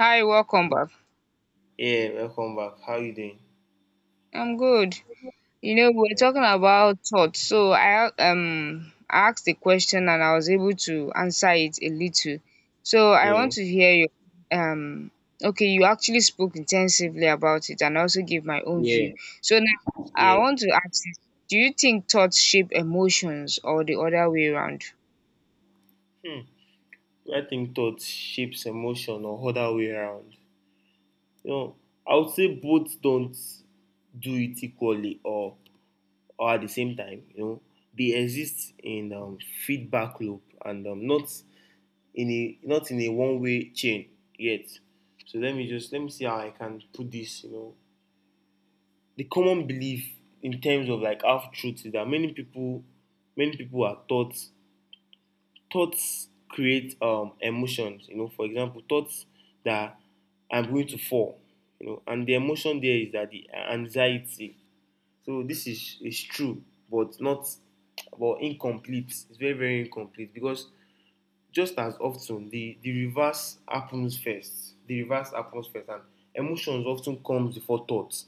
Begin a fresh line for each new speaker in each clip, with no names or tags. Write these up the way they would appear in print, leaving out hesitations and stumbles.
Hi, welcome back.
Yeah, welcome back. How you doing?
I'm good. You know, we're talking about thoughts, so I asked the question and I was able to answer it a little. So I
Yeah,
want to hear your um okay, you actually spoke intensively about it and also give my own view.
Yeah.
So now
Yeah.
I want to ask you, do you think thoughts shape emotions or the other way around?
Hmm. I think thought shapes emotion or other way around. You know, I would say both don't do it equally or at the same time. You know, they exist in feedback loop and not in a one way chain yet. So let me see how I can put this. You know, the common belief in terms of like half truth is that many people are taught thoughts create emotions. You know, for example, thoughts that I'm going to fall. You know, and the emotion there is that the anxiety. So this is true, but not but incomplete. It's very incomplete because just as often the reverse happens first. The reverse happens first, and emotions often comes before thoughts.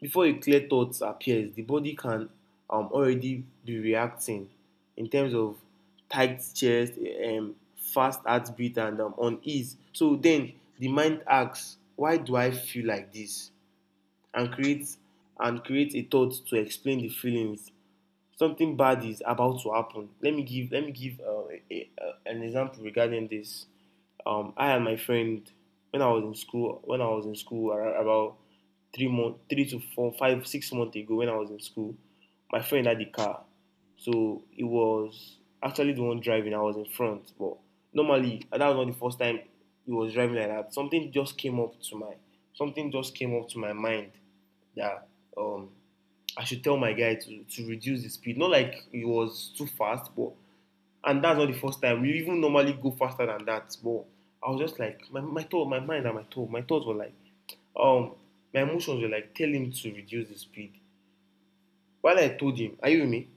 Before a clear thought appears, the body can already be reacting in terms of tight chest, fast heartbeat, and unease. So then the mind asks, "Why do I feel like this?" and creates a thought to explain the feelings. Something bad is about to happen. Let me give a, an example regarding this. I and my friend, when I was in school, about 3 month, three to four, five, 6 months ago, when I was in school, my friend had the car, so it was actually the one driving. I was in front, but normally that was not the first time he was driving like that. Something just came up to my mind that um I should tell my guy to reduce the speed. Not like he was too fast, but and that's not the first time. We even normally go faster than that. But I was just like, my thought, my mind and my thought, my thoughts were like, um, my emotions were like, tell him to reduce the speed. While I told him, are you with me?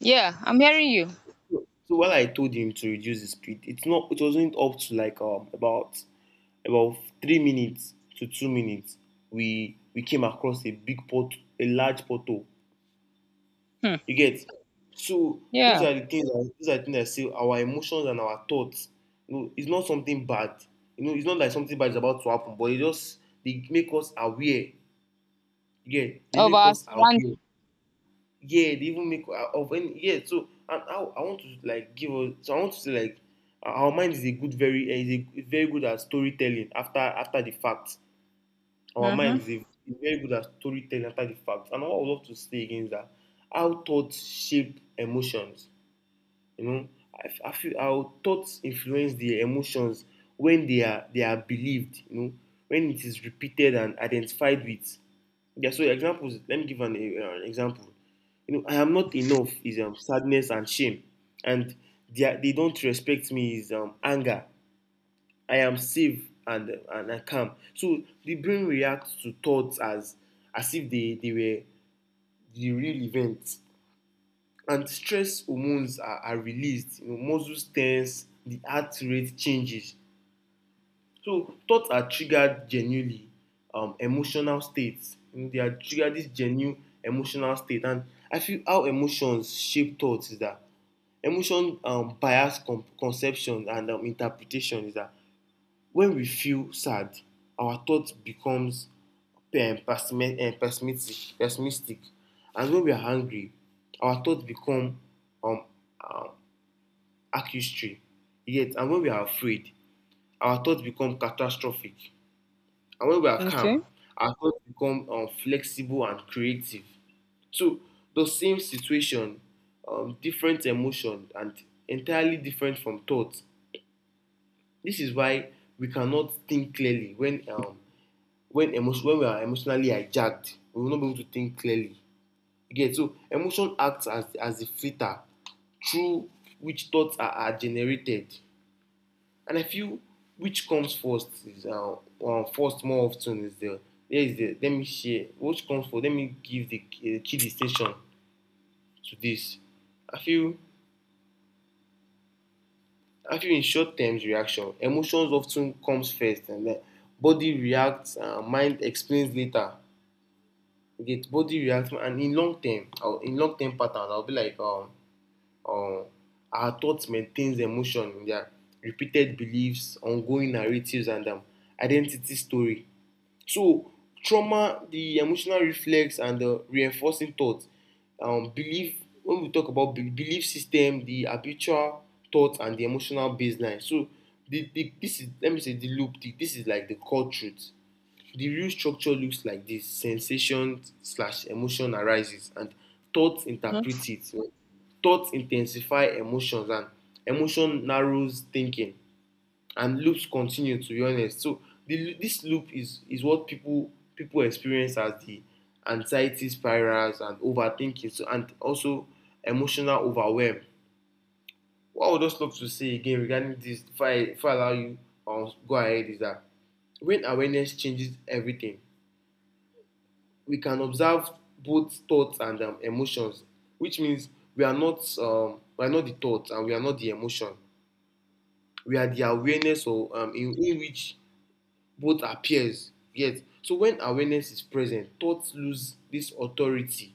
Yeah, I'm hearing you.
So while I told him to reduce the speed, it wasn't up to like about 3 minutes to 2 minutes. We came across a large pothole.
Hmm.
You get? So
Yeah.
those are the things that say our emotions and our thoughts. You know, it's not something bad. You know, it's not like something bad is about to happen, but it just they make us aware. Yeah, they
Of
make
our
us
surroundings.
aware. Yeah, they even make of any yeah. So and I want to like give us. So I want to say like our mind is a good very is a is very good at storytelling after the fact. Our mind
Mm-hmm.
is very good at storytelling after the fact. And what I would love to say again is that how thoughts shape emotions, you know, I feel our thoughts influence the emotions when they are believed. You know, when it is repeated and identified with. Yeah. So examples. Let me give an example. You know, I am not enough is sadness and shame, and they don't respect me is anger. I am safe and I calm. So the brain reacts to thoughts as if they were the real events and stress hormones are released. You know, muscles tense, the heart rate changes. So thoughts are triggered genuinely emotional states. You know, they are triggered this genuine emotional state. And I feel how emotions shape thoughts is that emotion bias conception and interpretation is that when we feel sad our thought becomes pessimistic, and when we are angry our thoughts become um, accusatory. Yet, and when we are afraid, our thoughts become catastrophic. And when we are calm,
Okay.
our thoughts become flexible and creative. So, the same situation, different emotion, and entirely different from thoughts. This is why we cannot think clearly when emotion when we are emotionally hijacked. We will not be able to think clearly. Again, so emotion acts as a filter through which thoughts are generated. And I feel which comes first is first more often is the there is the let me share which comes first. Let me give the key distinction to this. I feel I feel in short terms reaction, emotions often comes first, and then body reacts, mind explains later. You get? Body reacts. And in long term, or in long term patterns, I will be like um, our thoughts maintains emotion in their repeated beliefs, ongoing narratives, and identity story. So trauma, the emotional reflex and the reinforcing thought, belief, when we talk about belief system, the habitual thought and the emotional baseline. So this is, let me say, the loop. This is like the core truth. The real structure looks like this. Sensation slash emotion arises and thoughts
Mm-hmm.
interpret it. Thoughts intensify emotions and emotion narrows thinking, and loops continue. To be honest, so this loop is what people experience as the anxiety spirals and overthinking. So, and also emotional overwhelm. What I would just love to say again regarding this, if I allow you go ahead, is that when awareness changes everything, we can observe both thoughts and emotions, which means we are not the thoughts and we are not the emotion. We are the awareness, or in which both appears yet. So when awareness is present, thoughts lose this authority.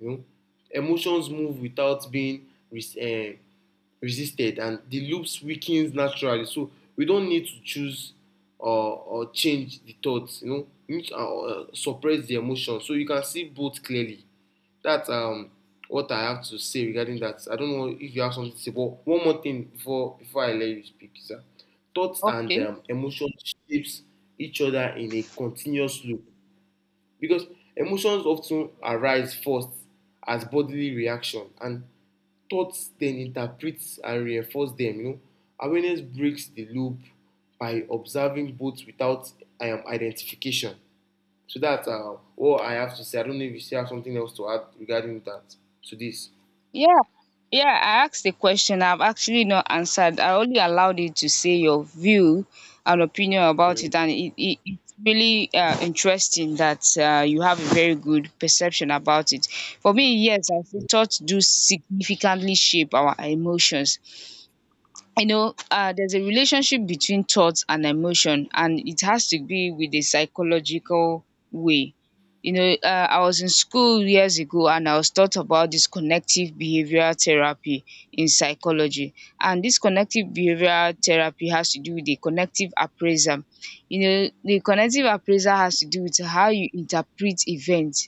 You know, emotions move without being resisted, and the loops weakens naturally. So we don't need to choose or change the thoughts. You know, you need to suppress the emotion so you can see both clearly. That's what I have to say regarding that. I don't know if you have something to say, but one more thing before I let you speak, sir. Thoughts and
Okay.
emotions shapes each other in a continuous loop because emotions often arise first as bodily reaction, and thoughts then interpret and reinforce them. You know, awareness breaks the loop by observing both without identification. So that's all I have to say. I don't know if you still have something else to add regarding that to this.
Yeah, yeah, I asked the question, I've actually not answered. I only allowed you to say your view and opinion about
Mm.
it, and it's really interesting that you have a very good perception about it. For me, yes, I feel thoughts do significantly shape our emotions. You know, there's a relationship between thoughts and emotion, and it has to be with a psychological way. You know, I was in school years ago and I was taught about this connective behavioral therapy in psychology. And this connective behavioral therapy has to do with the connective appraisal. You know, the connective appraisal has to do with how you interpret events.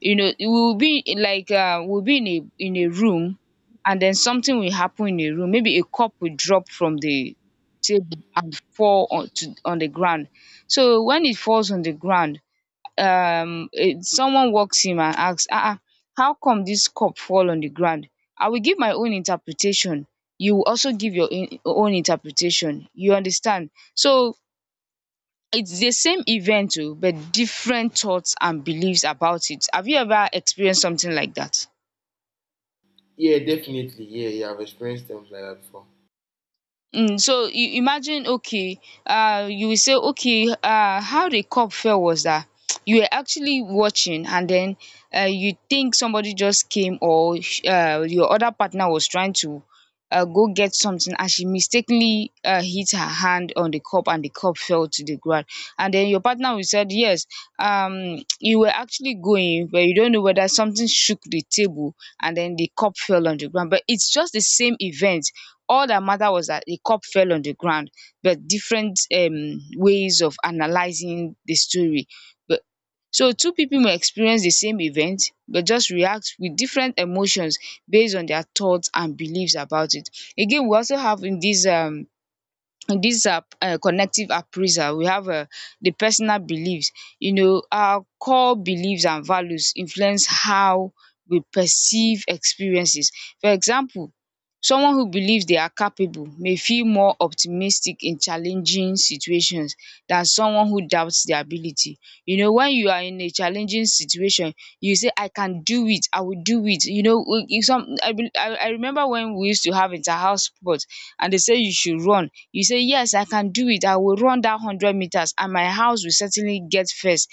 You know, it will be in like we'll be in a room, and then something will happen in a room. Maybe a cup will drop from the table and fall on the ground. So when it falls on the ground, someone walks in and asks, ah, ah, how come this cup fall on the ground. I will give my own interpretation, you will also give own interpretation, you understand. So it's the same event, oh, but different thoughts and beliefs about it. Have you ever experienced something like that?
Yeah, definitely. Yeah, yeah. I've experienced things like that before.
Mm, so you imagine. Okay, you will say, okay, how the cup fell was that you were actually watching, and then you think somebody just came, or your other partner was trying to go get something and she mistakenly hit her hand on the cup and the cup fell to the ground. And then your partner will said yes. You were actually going, but you don't know whether something shook the table and then the cup fell on the ground. But it's just the same event. All that mattered was that a cup fell on the ground, but different ways of analyzing the story. But so two people may experience the same event, but just react with different emotions based on their thoughts and beliefs about it. Again, we also have in this these are connective appraisal. We have the personal beliefs. You know, our core beliefs and values influence how we perceive experiences. For example, someone who believes they are capable may feel more optimistic in challenging situations than someone who doubts their ability. You know, when you are in a challenging situation, you say, I can do it, I will do it. You know, we- in some I, bel- I remember when we used to have inter-house sport and they say you should run. You say, yes, I can do it. I will run that 100 meters and my house will certainly get first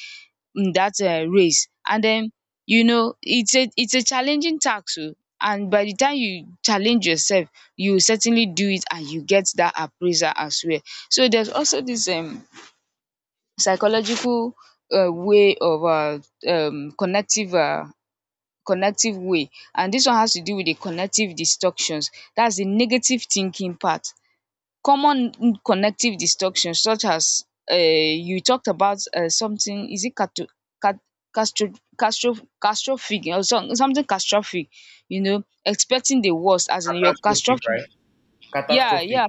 in that race. And then, you know, it's a challenging task. Oh, And by the time you challenge yourself, you will certainly do it and you get that appraisal as well. So there's also this psychological way of connective connective way. And this one has to do with the connective distortions. That's the negative thinking part. Common connective distortions, such as you talked about something. Is it cato cat castro castro catastrophic or some something catastrophic. You know, expecting the worst, as in your
Catastrophic,
catastrophic.
right?
Yeah,
Catastrophic.
yeah.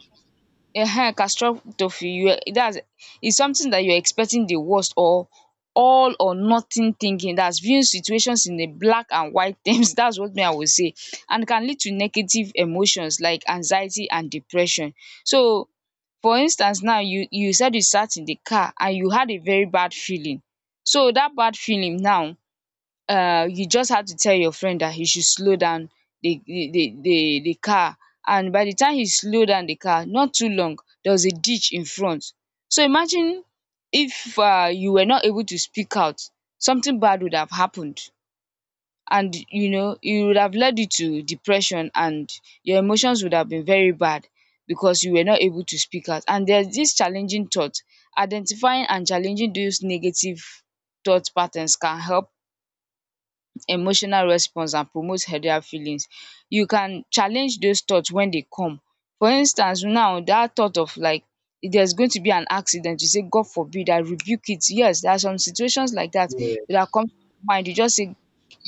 catastrophe. You, that's, it's something that you're expecting the worst. Or all or nothing thinking, that's viewing situations in a black and white terms that's what me I will say, and can lead to negative emotions like anxiety and depression. So for instance, now, you said you sat in the car and you had a very bad feeling. So that bad feeling now, you just have to tell your friend that he should slow down the car. And by the time he slow down the car, not too long, there was a ditch in front. So imagine if you were not able to speak out, something bad would have happened. And you know it would have led you to depression, and your emotions would have been very bad, because you were not able to speak out. And there's this challenging thought, identifying and challenging those negative thought patterns can help emotional response and promote healthier feelings. You can challenge those thoughts when they come. For instance, now, that thought of like, if there's going to be an accident, you say, God forbid, I rebuke it. Yes, there are some situations like that
Yeah,
that come to mind. You just say,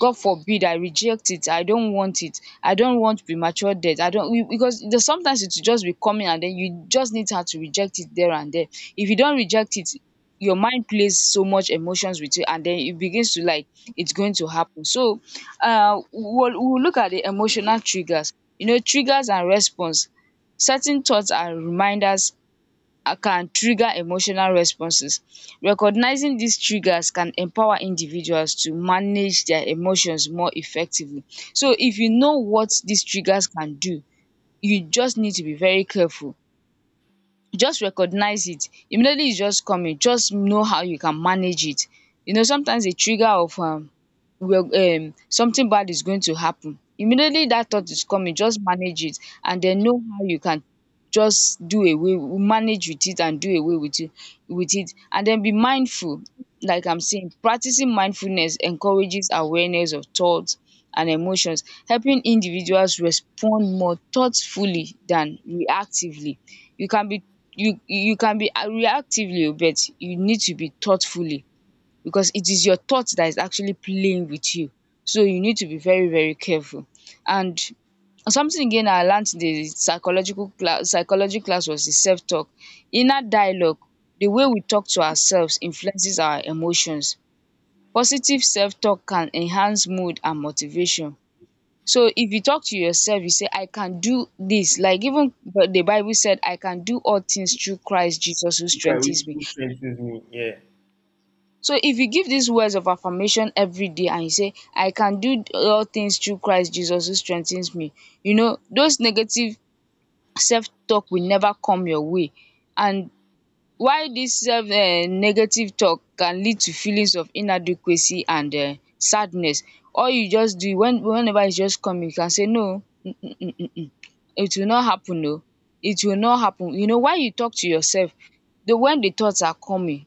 God forbid, I reject it, I don't want it, I don't want premature death, I don't, because there's sometimes it will just be coming, and then you just need her to reject it there and there. If you don't reject it, your mind plays so much emotions with you, and then it begins to like, it's going to happen. So we'll look at the emotional triggers. You know, triggers and response. Certain thoughts and reminders can trigger emotional responses. Recognizing these triggers can empower individuals to manage their emotions more effectively. So if you know what these triggers can do, you just need to be very careful. Just recognize it immediately, it's just coming, just know how you can manage it. You know, sometimes the trigger of something bad is going to happen. Immediately that thought is coming, just manage it, and then know how you can just do away manage with it and do away with it, and then be mindful. Like I'm saying, practicing mindfulness encourages awareness of thoughts and emotions, helping individuals respond more thoughtfully than reactively. You can be, you can be reactively, oh, but you need to be thoughtfully, because it is your thought that is actually playing with you. So you need to be very very careful. And something again I learned in the psychological class psychology class was the self talk. Inner dialogue, the way we talk to ourselves influences our emotions. Positive self talk can enhance mood and motivation. So if you talk to yourself, you say, I can do this. Like even the Bible said, I can do all things through Christ Jesus who
okay,
strengthens me.
which strengthens me. Yeah.
So if you give these words of affirmation every day and you say, I can do all things through Christ Jesus who strengthens me, you know, those negative self talk will never come your way. And why this self negative talk can lead to feelings of inadequacy and sadness. All you just do when whenever it's just coming, you can say no, it will not happen oo, it will not happen. You know why? You talk to yourself the when the thoughts are coming,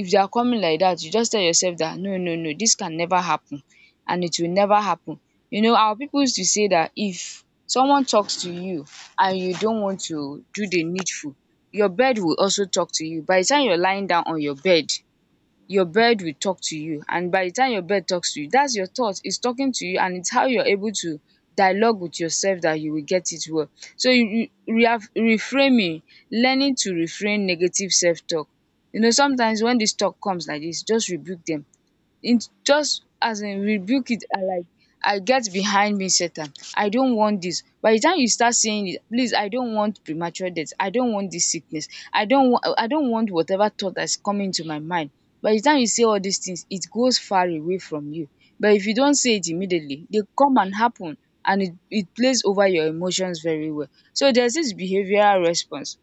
if they are coming like that, you just tell yourself that no, no, no, this can never happen, and it will never happen. You know, our people used to say that if someone talks to you and you don't want to do the needful, your bird will also talk to you. By the time you're lying down on your bed, your bird will talk to you, and by the time your bird talks to you, that's your thought, it's talking to you. And it's how you're able to dialogue with yourself that you will get it well. So re- reframing, learning to refrain negative self-talk. You know, sometimes when this talk comes like this, just rebuke them in, just as in rebuke it. And like, I get behind me Satan, I don't want this. By the time you start saying it, please, I don't want premature death, I don't want this sickness, I don't want whatever thought that's coming to my mind. By the time you say all these things, it goes far away from you. But if you don't say it immediately, they come and happen, and it plays over your emotions very well. So there's this behavioral response.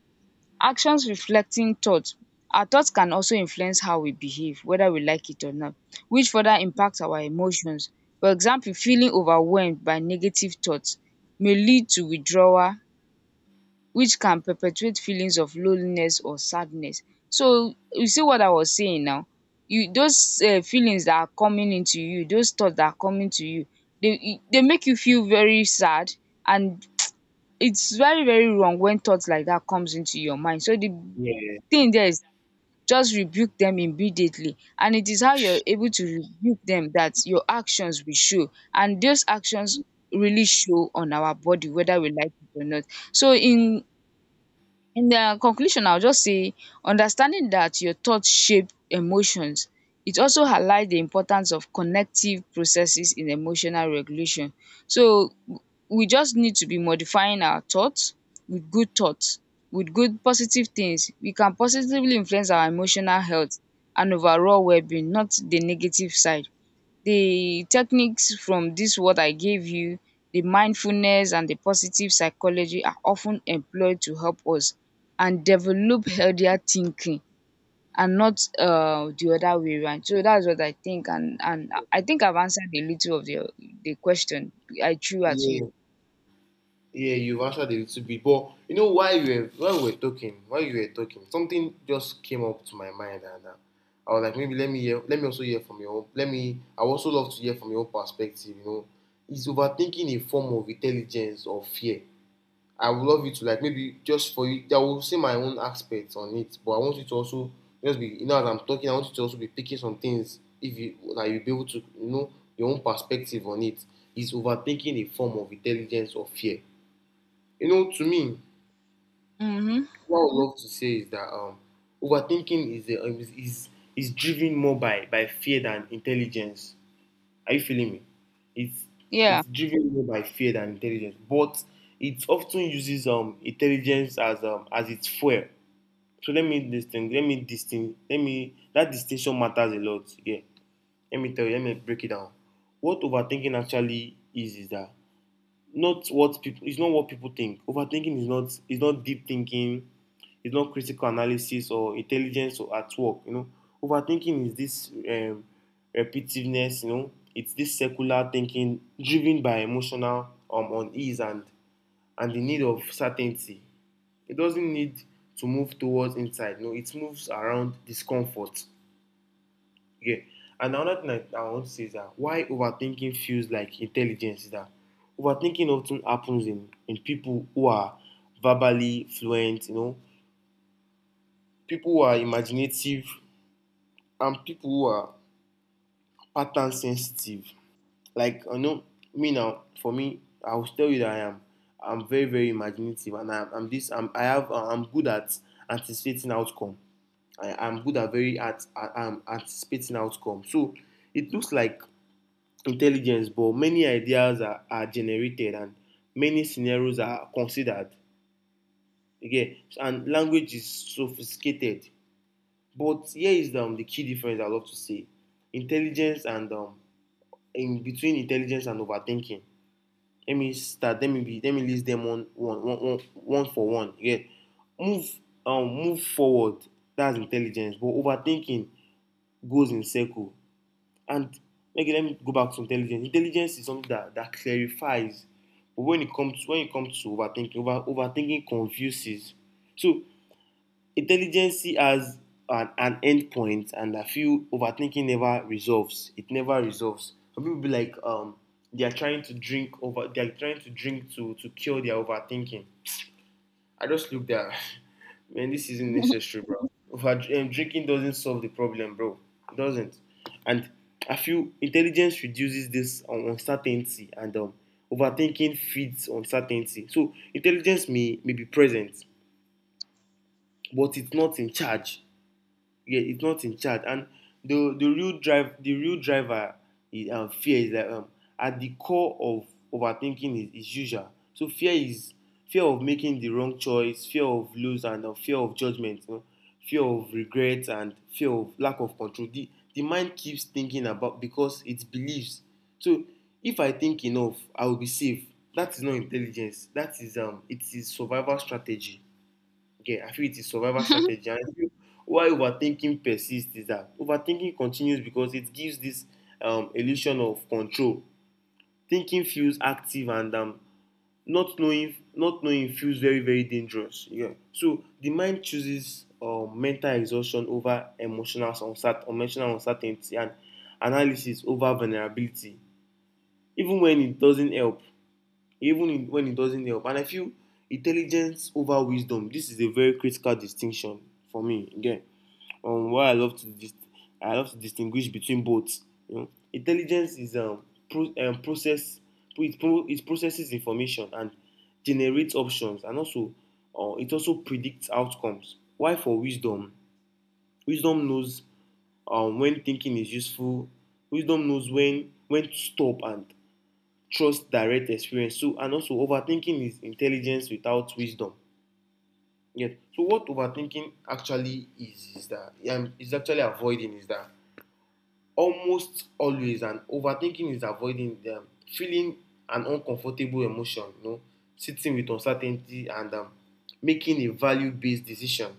Actions reflecting thought. Our thoughts can also influence how we behave, whether we like it or not, which further impacts our emotions. For example, feeling overwhelmed by negative thoughts may lead to withdrawal, which can perpetuate feelings of loneliness or sadness. So you see what I was saying now. You, those feelings that are coming into you, those thoughts that are coming to you, they make you feel very sad, and it's very, very wrong when thoughts like that comes into your mind. So the
Yeah.
thing there is, just rebuke them immediately, and it is how you're able to rebuke them that your actions will show, and those actions really show on our body whether we like it or not. So in the conclusion, I will just say, understanding that your thoughts shape emotions, it also highlights the importance of connective processes in emotional regulation. So we just need to be modifying our thoughts, with good positive things. We can positively influence our emotional health and overall well-being, not the negative side. The techniques from this what I gave you, the mindfulness and the positive psychology, are often employed to help us and develop healthier thinking and not the other way round. So that's what I think, and I think I've answered a little of the question I threw at you.
yeah, yeah. You've answered a little bit, but you know why you were while we were talking, while you were talking, something just came up to my mind, and I was like, maybe let me hear, let me also hear from your own. Let me. I would also love to hear from your own perspective. You know, is overthinking a form of intelligence or fear? I would love you to like maybe just for you, I will say my own aspects on it, but I want you to also just be, you know, as I'm talking, I want you to also be picking some things if you like, you'll be able to you know your own perspective on it. Is overthinking a form of intelligence or fear? You know, to me,
Mhm.
what I would love to say is that overthinking is, a, is is driven more by fear than intelligence. Are you feeling me? It's
Yeah.
it's driven more by fear than intelligence, but it often uses intelligence as its fuel. So let me distinct. Let me distinct. Let me that distinction matters a lot. Yeah. Let me tell you. Let me break it down. What overthinking actually is that not what people it's not what people think. Overthinking is not deep thinking, it's not critical analysis or intelligence or at work. You know, overthinking is this repetitiveness. You know, it's this circular thinking driven by emotional unease and the need of certainty. It doesn't need to move towards insight. No, it moves around discomfort. Yeah. And another thing I want to say is that why overthinking feels like intelligence is that overthinking often happens in people who are verbally fluent, you know, people who are imaginative and people who are pattern sensitive. Like I know me now, for me, I will tell you that I'm very imaginative and I'm good at anticipating outcome. I'm good at very at anticipating outcome. So it looks like intelligence, but many ideas are generated and many scenarios are considered. Again, and language is sophisticated. But here is the key difference. I love to say intelligence and in between intelligence and overthinking. Let me start. Let me be. Let me list them one for one. Yeah, move, move forward. That's intelligence. But overthinking goes in circle. And Okay, let me go back to intelligence. Intelligence is something that clarifies. But when it comes to overthinking, overthinking confuses. So intelligence has an end point, and I feel overthinking never resolves. It never resolves. Some people be like, they are trying to drink over they are trying to drink to cure their overthinking. I just looked at, man, this isn't necessary, bro. Drinking doesn't solve the problem, bro. It doesn't. And I feel intelligence reduces this uncertainty, and overthinking feeds uncertainty. So intelligence may be present, but it's not in charge, yeah, it's not in charge. And the real driver is fear. Is that At the core of overthinking is usual. So fear of making the wrong choice, fear of lose, and fear of judgment, you know, fear of regret, and fear of lack of control. The mind keeps thinking about because it believes. So if I think enough, I will be safe. That is not intelligence. That is it is survival strategy. Yeah, I feel it is survival strategy. And I feel why overthinking persists is that overthinking continues because it gives this illusion of control. Thinking feels active, and not knowing feels very, very dangerous. Yeah. So the mind chooses mental exhaustion over emotional uncertainty, and analysis over vulnerability, even when it doesn't help, even in, when it doesn't help And I feel intelligence over wisdom. This is a very critical distinction for me. Again, why I love to dis- I love to distinguish between both. You know, intelligence is pro- um process it processes information and generates options, and also it also predicts outcomes. Why for wisdom? Wisdom knows when thinking is useful. Wisdom knows when to stop and trust direct experience. So, and also overthinking is intelligence without wisdom. Yes. So what overthinking actually is that is actually avoiding is that almost always and overthinking is avoiding feeling an uncomfortable emotion, you know, sitting with uncertainty, and making a value-based decision,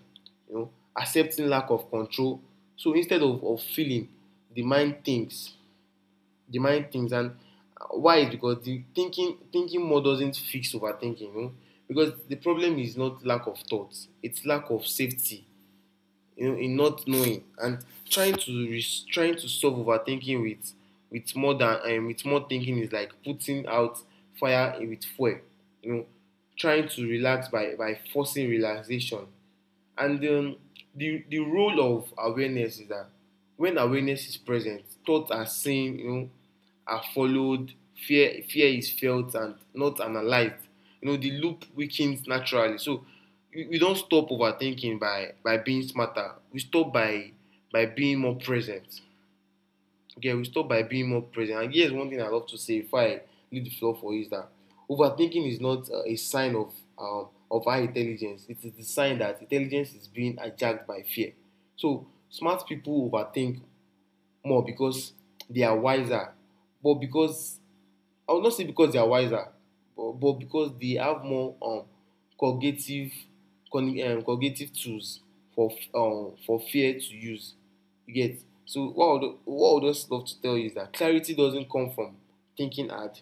you know, accepting lack of control. So instead of feeling, the mind thinks. The mind thinks and Why is because the thinking more doesn't fix overthinking, because the problem is not lack of thoughts; it's lack of safety, you know, in not knowing, and trying to trying to solve overthinking with more than with more thinking is like putting out fire with fuel, you know, trying to relax by forcing relaxation and The role of awareness is that when awareness is present, thoughts are seen, are followed, fear is felt and not analyzed. You know, the loop weakens naturally. So we don't stop overthinking by being smarter. We stop by being more present. Okay, we stop by being more present. And here's one thing I love to say before I leave the floor for you is that overthinking is not a sign of high intelligence. It is the sign that intelligence is being hijacked by fear. So smart people overthink more because they are wiser, but because I would not say because they are wiser, but because they have more cognitive, cognitive tools for fear to use. You get. So what I would just love to tell you is that clarity doesn't come from thinking hard.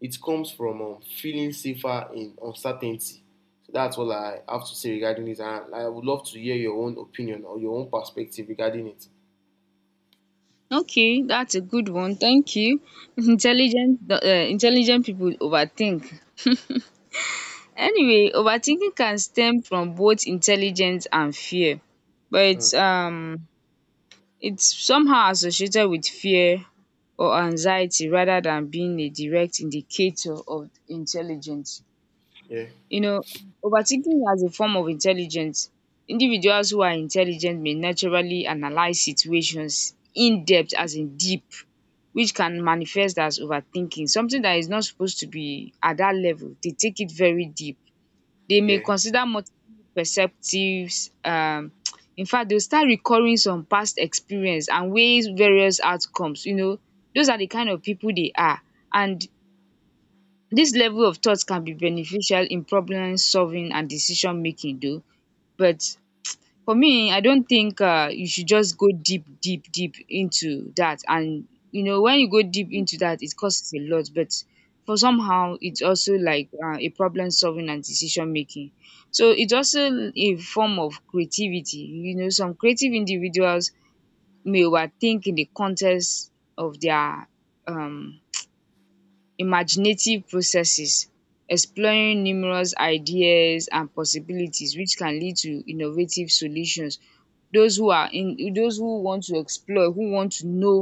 It comes from feeling safer in uncertainty. So that's all I have to say regarding this. And I would love to hear your own opinion or your own perspective regarding it.
Okay, that's a good one. Thank you. Intelligent, intelligent people overthink. Anyway, overthinking can stem from both intelligence and fear, but
Mm.
it's it's somehow associated with fear or anxiety rather than being a direct indicator of intelligence.
Yeah,
You know, overthinking as a form of intelligence. Individuals who are intelligent may naturally analyze situations in depth, as in deep, which can manifest as overthinking. Something that is not supposed to be at that level, they take it very deep. They may
yeah,
consider multiple perceptives. In fact, they'll start recurring some past experience and weighs various outcomes. You know, those are the kind of people they are. And this level of thought can be beneficial in problem solving and decision making though, but for me, I don't think you should just go deep, deep, deep into that, and you know, when you go deep into that, it costs a lot. But for somehow, it's also like a problem solving and decision making. So it's also a form of creativity. You know, some creative individuals may overthink in the context of their um imaginative processes, exploring numerous ideas and possibilities, which can lead to innovative solutions. Those who are in, those who want to explore, who want to know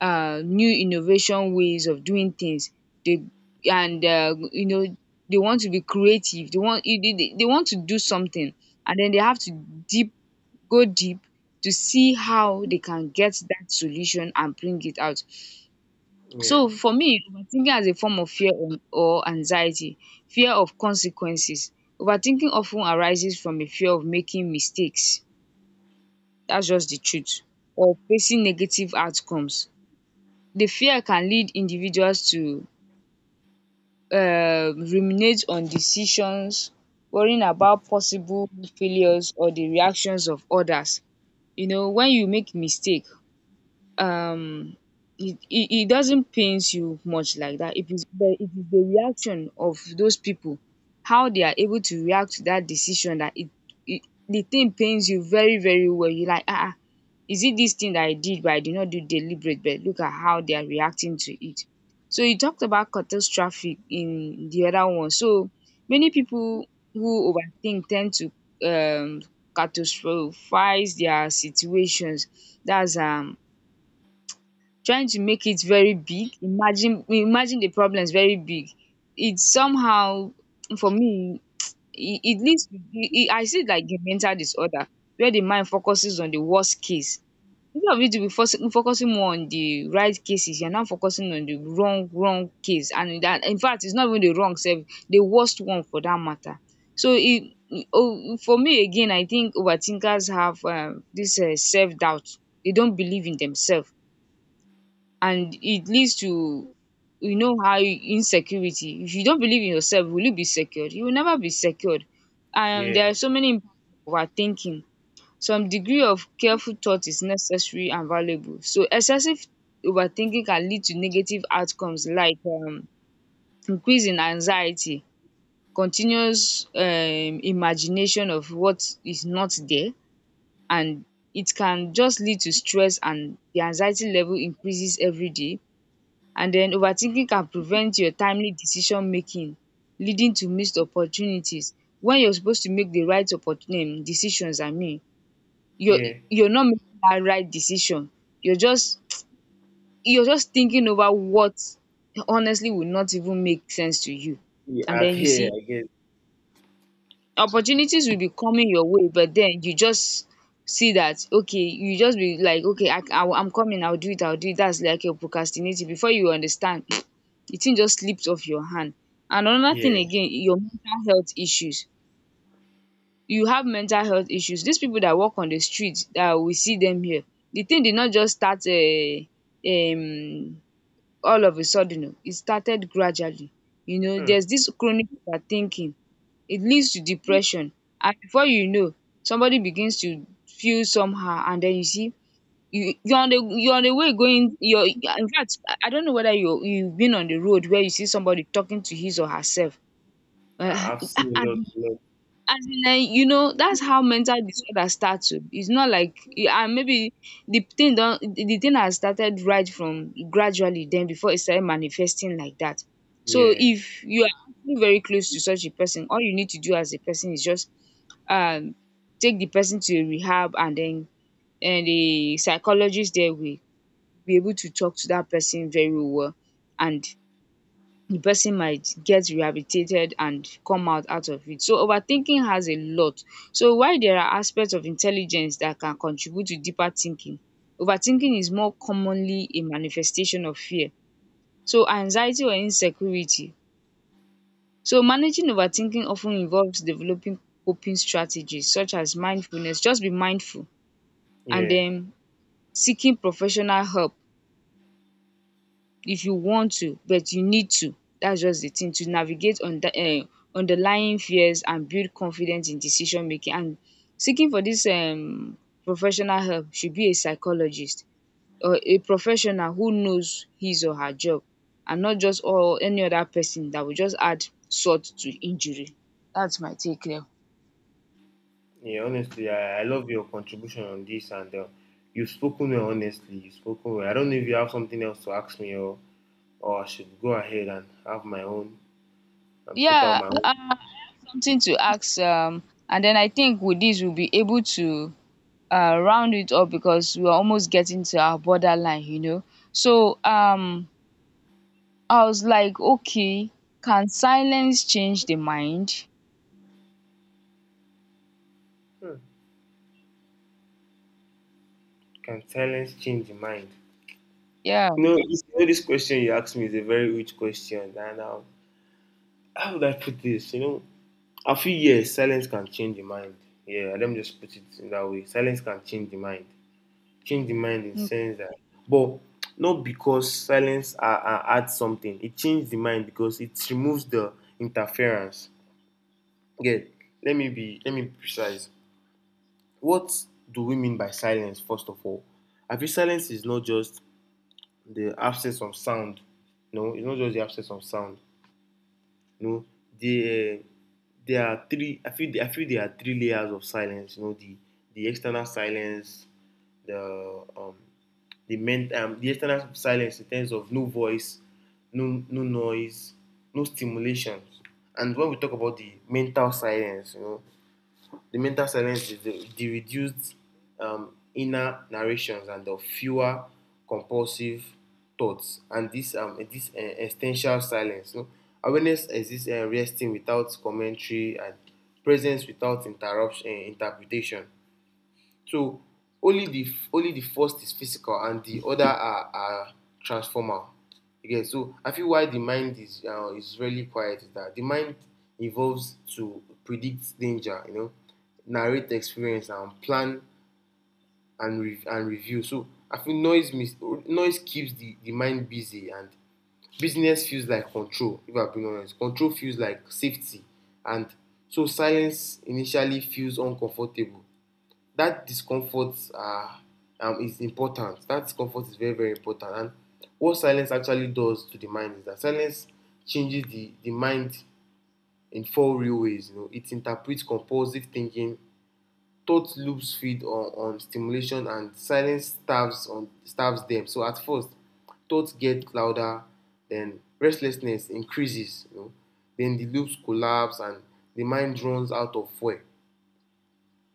new innovation ways of doing things. They, and you know, they want to be creative, they want, they want to do something, and then they have to deep, go deep to see how they can get that solution and bring it out.
yeah,
So for me, overthinking as a form of fear or anxiety, fear of consequences. Overthinking often arises from a fear of making mistakes, that's just the truth, or facing negative outcomes. The fear can lead individuals to ruminate on decisions, worrying about possible failures or the reactions of others. You know, when you make mistake, um it doesn't pains you much like that. It is the, it is the reaction of those people, how they are able to react to that decision that it the thing pains you very, very well. You like, ah, ah, is it this thing that I did, but I did not do deliberate, but look at how they are reacting to it. So you talked about catastrophic in the other one. So many people who overthink tend to um catastrophize their situations. That's trying to make it very big, imagine, imagine the problem is very big. It somehow, for me, it leads to I see it like a mental disorder where the mind focuses on the worst case. Instead of you to be focusing more on the right cases, you're now focusing on the wrong case, and that, in fact, it's not even the wrong self, the worst one for that matter. So for me again, I think overthinkers have this self-doubt, they don't believe in themselves, and it leads to, you know how insecurity, if you don't believe in yourself, will you be secured? You will never be secured. And
yeah,
there are so many impact of our thinking. Some degree of careful thought is necessary and valuable, so excessive overthinking can lead to negative outcomes, like increase in anxiety, continuous imagination of what is not there, and it can just lead to stress, and the anxiety level increases every day. And then overthinking can prevent your timely decision making, leading to missed opportunities. When you're supposed to make the right opportun decisions, I mean, you're
yeah.
you're not making that right decision. You're just you're just thinking over what honestly would not even make sense to you.
Yeah,
And then you see
I guess.
opportunities will be coming your way, but then you just see that, okay, you just be like, okay, I'm coming, I'll do it. That's like you're procrastinating, before you understand the thing just slipped off your hand. And another
Yeah.
thing again, your mental health issues. You have mental health issues, these people that walk on the street that we see them here, the thing did not just start, um all of a sudden. Oh, it started gradually. You know,
Hmm.
there's this chronic overthinking, it leads to depression. And before you know, somebody begins to feel somehow, and then you see, you, you're on the way going, you're, in fact, I don't know whether you, you've been on the road where you see somebody talking to his or herself. um
I've seen a lot,
and
a lot.
as in, you know, that's how mental disorder starts. Oo. It's not like eh, and maybe the thing has started right from gradually, then before it started manifesting like that. So
Yeah,
if you are actually very close to such a person, all you need to do as a person is just um take the person to a rehab, and then and the psychologist there will be able to talk to that person very well, and the person might get rehabilitated and come out, out of it. So overthinking has a lot. So while there are aspects of intelligence that can contribute to deeper thinking, overthinking is more commonly a manifestation of fear. So anxiety or insecurity. So managing overthinking often involves developing coping strategies such as mindfulness. Just be mindful, and
yeah,
then seeking professional help, if you want to, but you need to. That's just the thing to navigate on underlying fears and build confidence in decision making. And seeking for this professional help should be a psychologist or a professional who knows his or her job, and not just or any other person that will just add salt to injury. That's my take there.
yeah. Honestly, I love your contribution on this, and you've spoken well. Honestly, you've spoken well. I don't know if you have something else to ask me, or I should go ahead and have my own and put out
Yeah,
my own.
something to ask, and then I think with this we'll be able to round it up, because we were almost getting to our borderline, you know. So I was like, okay, can silence change the mind?
Hmm. Can silence change the mind?
Yeah.
No, you know, this question you asked me is a very rich question, and how would I put this? You know, I feel yes, silence can change the mind. Yeah, let me just put it in that way. Silence can change the mind. Change the mind in sense that, but not because silence adds something. It changes the mind because it removes the interference. Again, let me be precise. What do we mean by silence? First of all, I feel silence is not just the absence of sound. No, it's not just the absence of sound. You know, there there are three. I feel there are three layers of silence. You know, the external silence, the um, the external silence in terms of no voice, no noise, no stimulations. And when we talk about the mental silence, you know, the mental silence is the reduced inner narrations and the fewer compulsive thoughts, and this essential silence. No Awareness exists, resting without commentary, and presence without interruption interpretation. So only the only the first is physical, and the other are transformal. Okay, so I feel why the mind is really quiet is that the mind evolves to predict danger, you know, narrate experience, and plan and review. So I feel noise keeps the mind busy, and business feels like control, if I'm being honest. Control feels like safety, and so silence initially feels uncomfortable. That discomfort is important. That discomfort is very, very important. And what silence actually does to the mind is that silence changes the mind in four real ways. You know, it interprets compulsive thinking, thought loops feed on stimulation, and silence starves them. So at first, thoughts get louder, then restlessness increases, you know, then the loops collapse, and the mind runs out of fuel.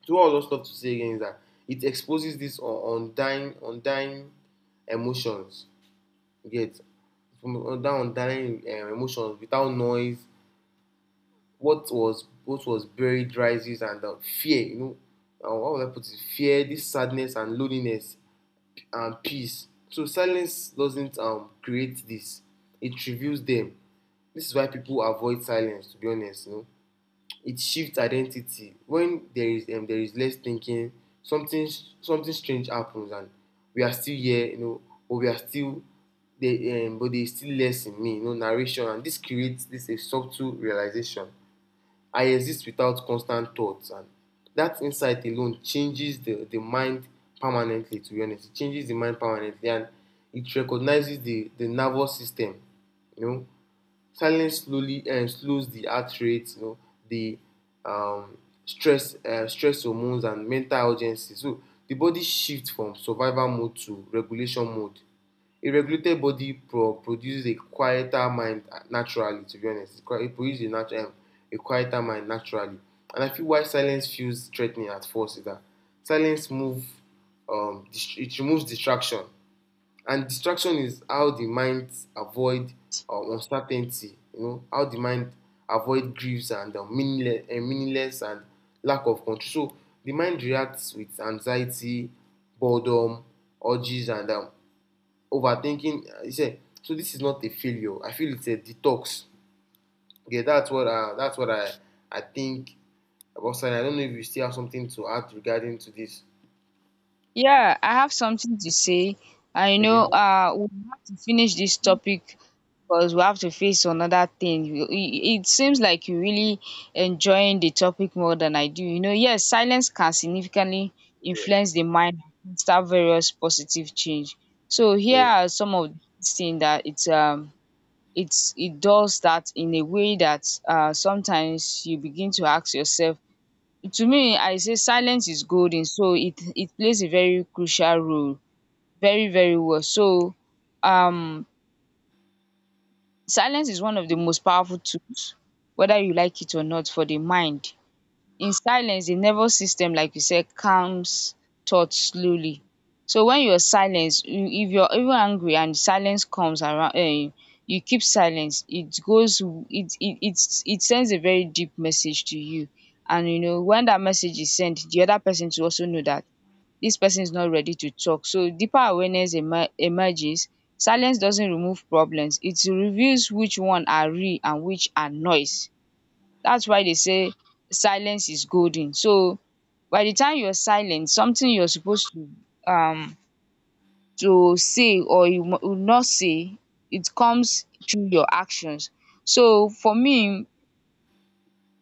So all those stuff to say again is that it exposes this undying emotions. You get from undying emotions without noise. What was buried rises and fear. You know, what would I put it? Fear, this sadness, and loneliness, and peace. So silence doesn't create this. It reveals them. This is why people avoid silence. To be honest, you know it shifts identity when there is less thinking, something something strange happens, and we are still here, you know, but we are still there, but there is still less in me, you know, narration, and this creates this, a subtle realization: I exist without constant thoughts, and that insight alone changes the mind permanently. To be honest, it changes the mind permanently, and it recognizes the nervous system. You know, silence slowly slows the heart rate, you know, the um, stress stress hormones, and mental urgency. So the body shift from survival mode to regulation mode. A regulated body produces a quieter mind, naturally. To be honest, it produces a quieter mind naturally. And I feel why silence feels threatening at first is that silence move it removes distraction. And distraction is how the mind avoid uncertainty. You know how the mind avoid griefs and meaningless, and lack of control. So the mind reacts with anxiety, boredom, urges, and overthinking. You say, so this is not a failure. I feel it's a detox. Okay, that's what I think about. Sani, I don't know if you still have something to add regarding to this.
Yeah, I have something to say. I
Okay.
know we have to finish this topic, because we have to face another thing. It it seems like you really enjoying the topic more than I do. You know, yes, silence can significantly influence the mind and start various positive change. So here
Yeah.
are some of these things that it does that in a way that sometimes you begin to ask yourself. To me, I say silence is golden, so it plays a very crucial role very, very well. So um silence is one of the most powerful tools, whether you like it or not, for the mind. In silence, the nervous system, like you said, calms thoughts slowly. So when you're silence, you, if you're even angry and silence comes around, you keep silence, it goes, it sends a very deep message to you. And you know, when that message is sent, the other person too also know that this person is not ready to talk. So deeper awareness emerges. Silence doesn't remove problems, it reveals which one are real and which are noise. That's why they say silence is golden. So by the time you're silent, something you're supposed um to say or you will not say, it comes through your actions. So for me,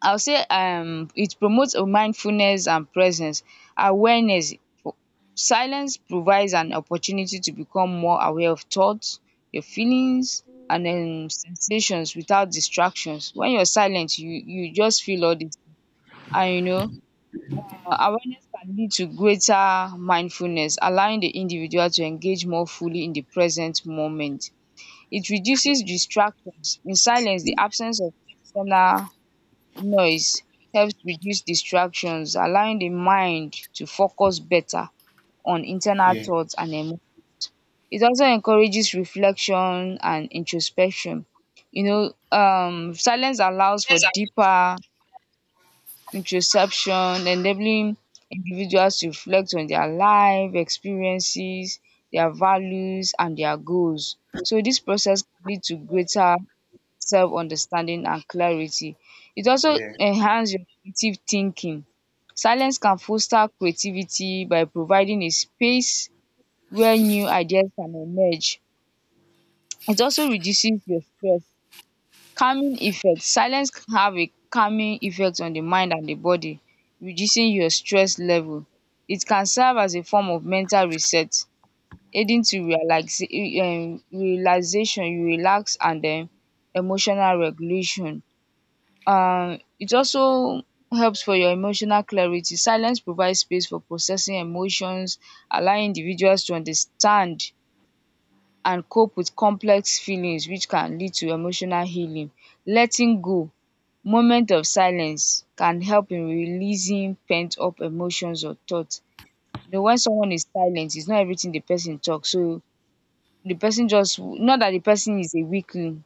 I'll say it promotes a mindfulness and presence, awareness. For- Silence provides an opportunity to become more aware of thoughts, your feelings, and sensations without distractions. When you're silent, you just feel all these. And you know, awareness can lead to greater mindfulness, allowing the individual to engage more fully in the present moment. It reduces distractions. In silence, the absence of external noise helps reduce distractions, allowing the mind to focus better on internal
Yeah.
thoughts and emotions. It also encourages reflection and introspection. You know, silence allows for
Yes,
deeper introspection, enabling individuals to reflect on their life experiences, their values, and their goals. So this process can lead to greater self-understanding and clarity. It also enhances your creative thinking. Silence can foster creativity by providing a space where new ideas can emerge. It also reduces your stress. Calming effect, silence can have a calming effect on the mind and the body, reducing your stress level. It can serve as a form of mental reset, aiding to relax, relaxation, you relax. And then emotional regulation, it also helps for your emotional clarity. Silence provides space for processing emotions, allowing individuals to understand and cope with complex feelings, which can lead to emotional healing, letting go. Moment of silence can help in releasing pent up emotions or thoughts. You know, when someone is silent, it's not everything the person talks. So the person just, not that the person is a weakling,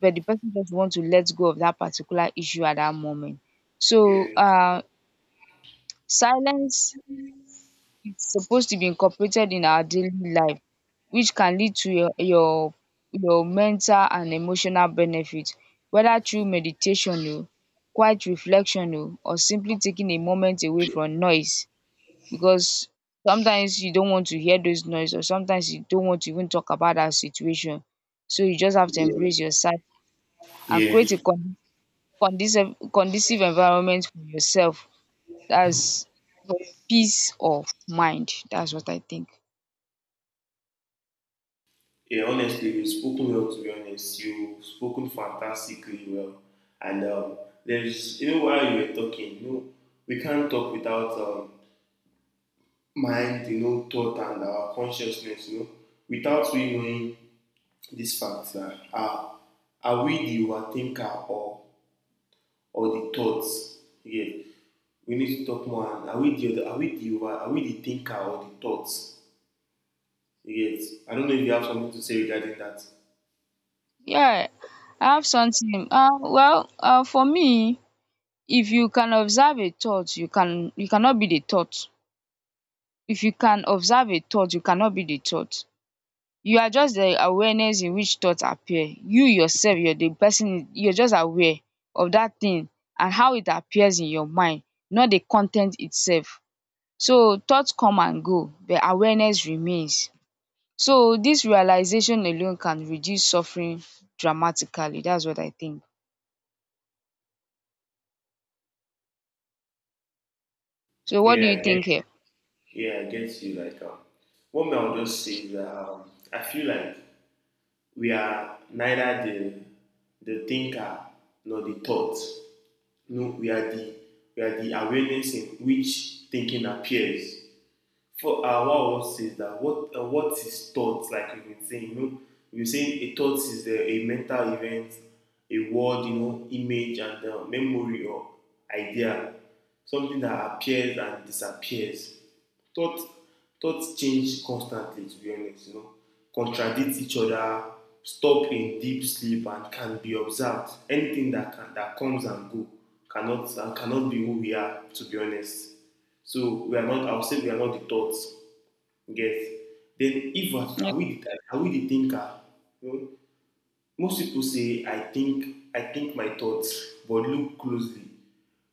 but the person just want to let go of that particular issue at that moment. So
yeah.
silence, it's supposed to be incorporated in our daily life, which can lead to your, your mental and emotional benefit, whether through meditation, oh, quiet reflection, oh, or simply taking a moment away from noise, because sometimes you don't want to hear those noise, or sometimes you don't want to even talk about that situation. So you just have to embrace yourself and create a
Yeah.
conducive, conducive environment for yourself. That's for your peace of mind. That's what I think.
Yeah, honestly, you've spoken well, to be honest. You've spoken fantastically well. And there's, you know, while you were talking, you know, we can't talk without mind, you know, thought, and our consciousness, you know, without we knowing these facts. Are we the overthinker or the thoughts? Yeah, we need to talk more. And are we the thinker or the thoughts? Yes, I don't know if you have something to say regarding that.
Yeah, I have something. For me, if you can observe a thought, you cannot be the thought. If you can observe a thought, you cannot be the thought. You are just the awareness in which thoughts appear. You yourself, you're the person, you're just aware of that thing and how it appears in your mind, not the content itself. So thoughts come and go, but awareness remains. So this realization alone can reduce suffering dramatically. That's what I think. So what do
Yeah,
you
I get.
think here?
Yeah, I get you. Like, what I'll just say is that I feel like we are neither the thinker nor the thought. No, we are the awareness in which thinking appears. For What I want to say is that what is thought, like you've been saying, you know, you're saying a thought is a mental event, a word, you know, image, and memory or idea, something that appears and disappears. Thought Thoughts change constantly, to be honest, you know, contradict each other, stop in deep sleep, and can be observed. Anything that comes and go cannot be who we are, to be honest. So we are not, I would say we are not the thoughts. You Get. Then if are
Yeah.
are we the thinker? You know, most people say I think my thoughts, but look closely.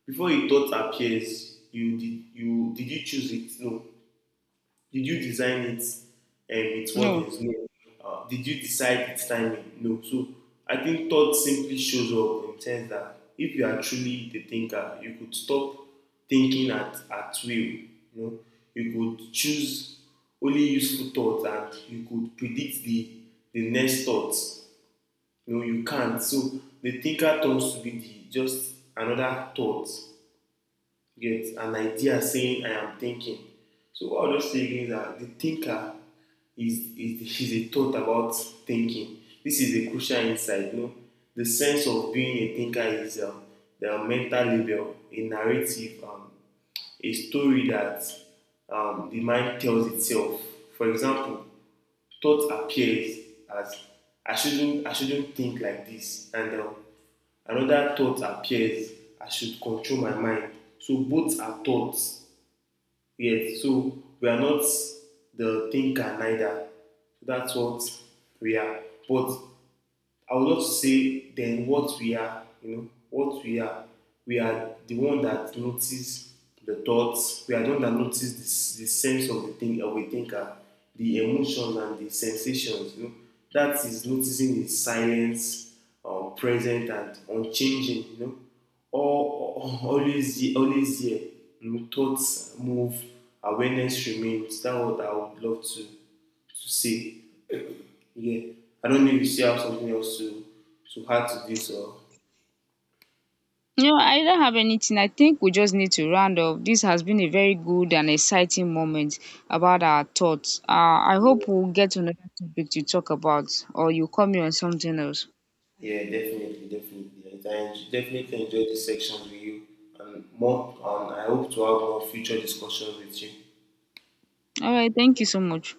Before a thought appears, you did you did you choose it? No. Did you design it with
No.
what is? No. Did you decide its timing? No. So I think thought simply shows up, in sense that if you are truly the thinker, you could stop thinking at will. You know, you could choose only useful thoughts, and you could predict the next thoughts. No, you can't. So the thinker turns to be just another thought. Get an idea saying, I am thinking. So what are those things are the thinker is, is a thought about thinking. This is a crucial insight. No, the sense of being a thinker is the mental label, a narrative, a story that the mind tells itself. For example, thought appears as, I shouldn't think like this, and another thought appears, I should control my mind. So both are thoughts. Yes, so we are not the thinker neither. So that's what we are. But I would love to say then what we are, you know, what we are. We are the one that notice the thoughts. We are the one that notice the sense of the thing of a thinker, the emotions, and the sensations. You know, that is noticing is silence, present and unchanging. You know, always here. You know, thoughts move, awareness remains. That's what I would love to say, yeah. I don't know if you still have something else to add to this, or
No, I don't have anything. I think we just need to round up. This has been a very good and exciting moment about our thoughts. I hope we'll get another topic to talk about, or you call me on something else.
yeah, definitely, definitely. Definitely enjoyed this section with you, and more. And I hope to have more future discussions with you.
All right. Thank you so much.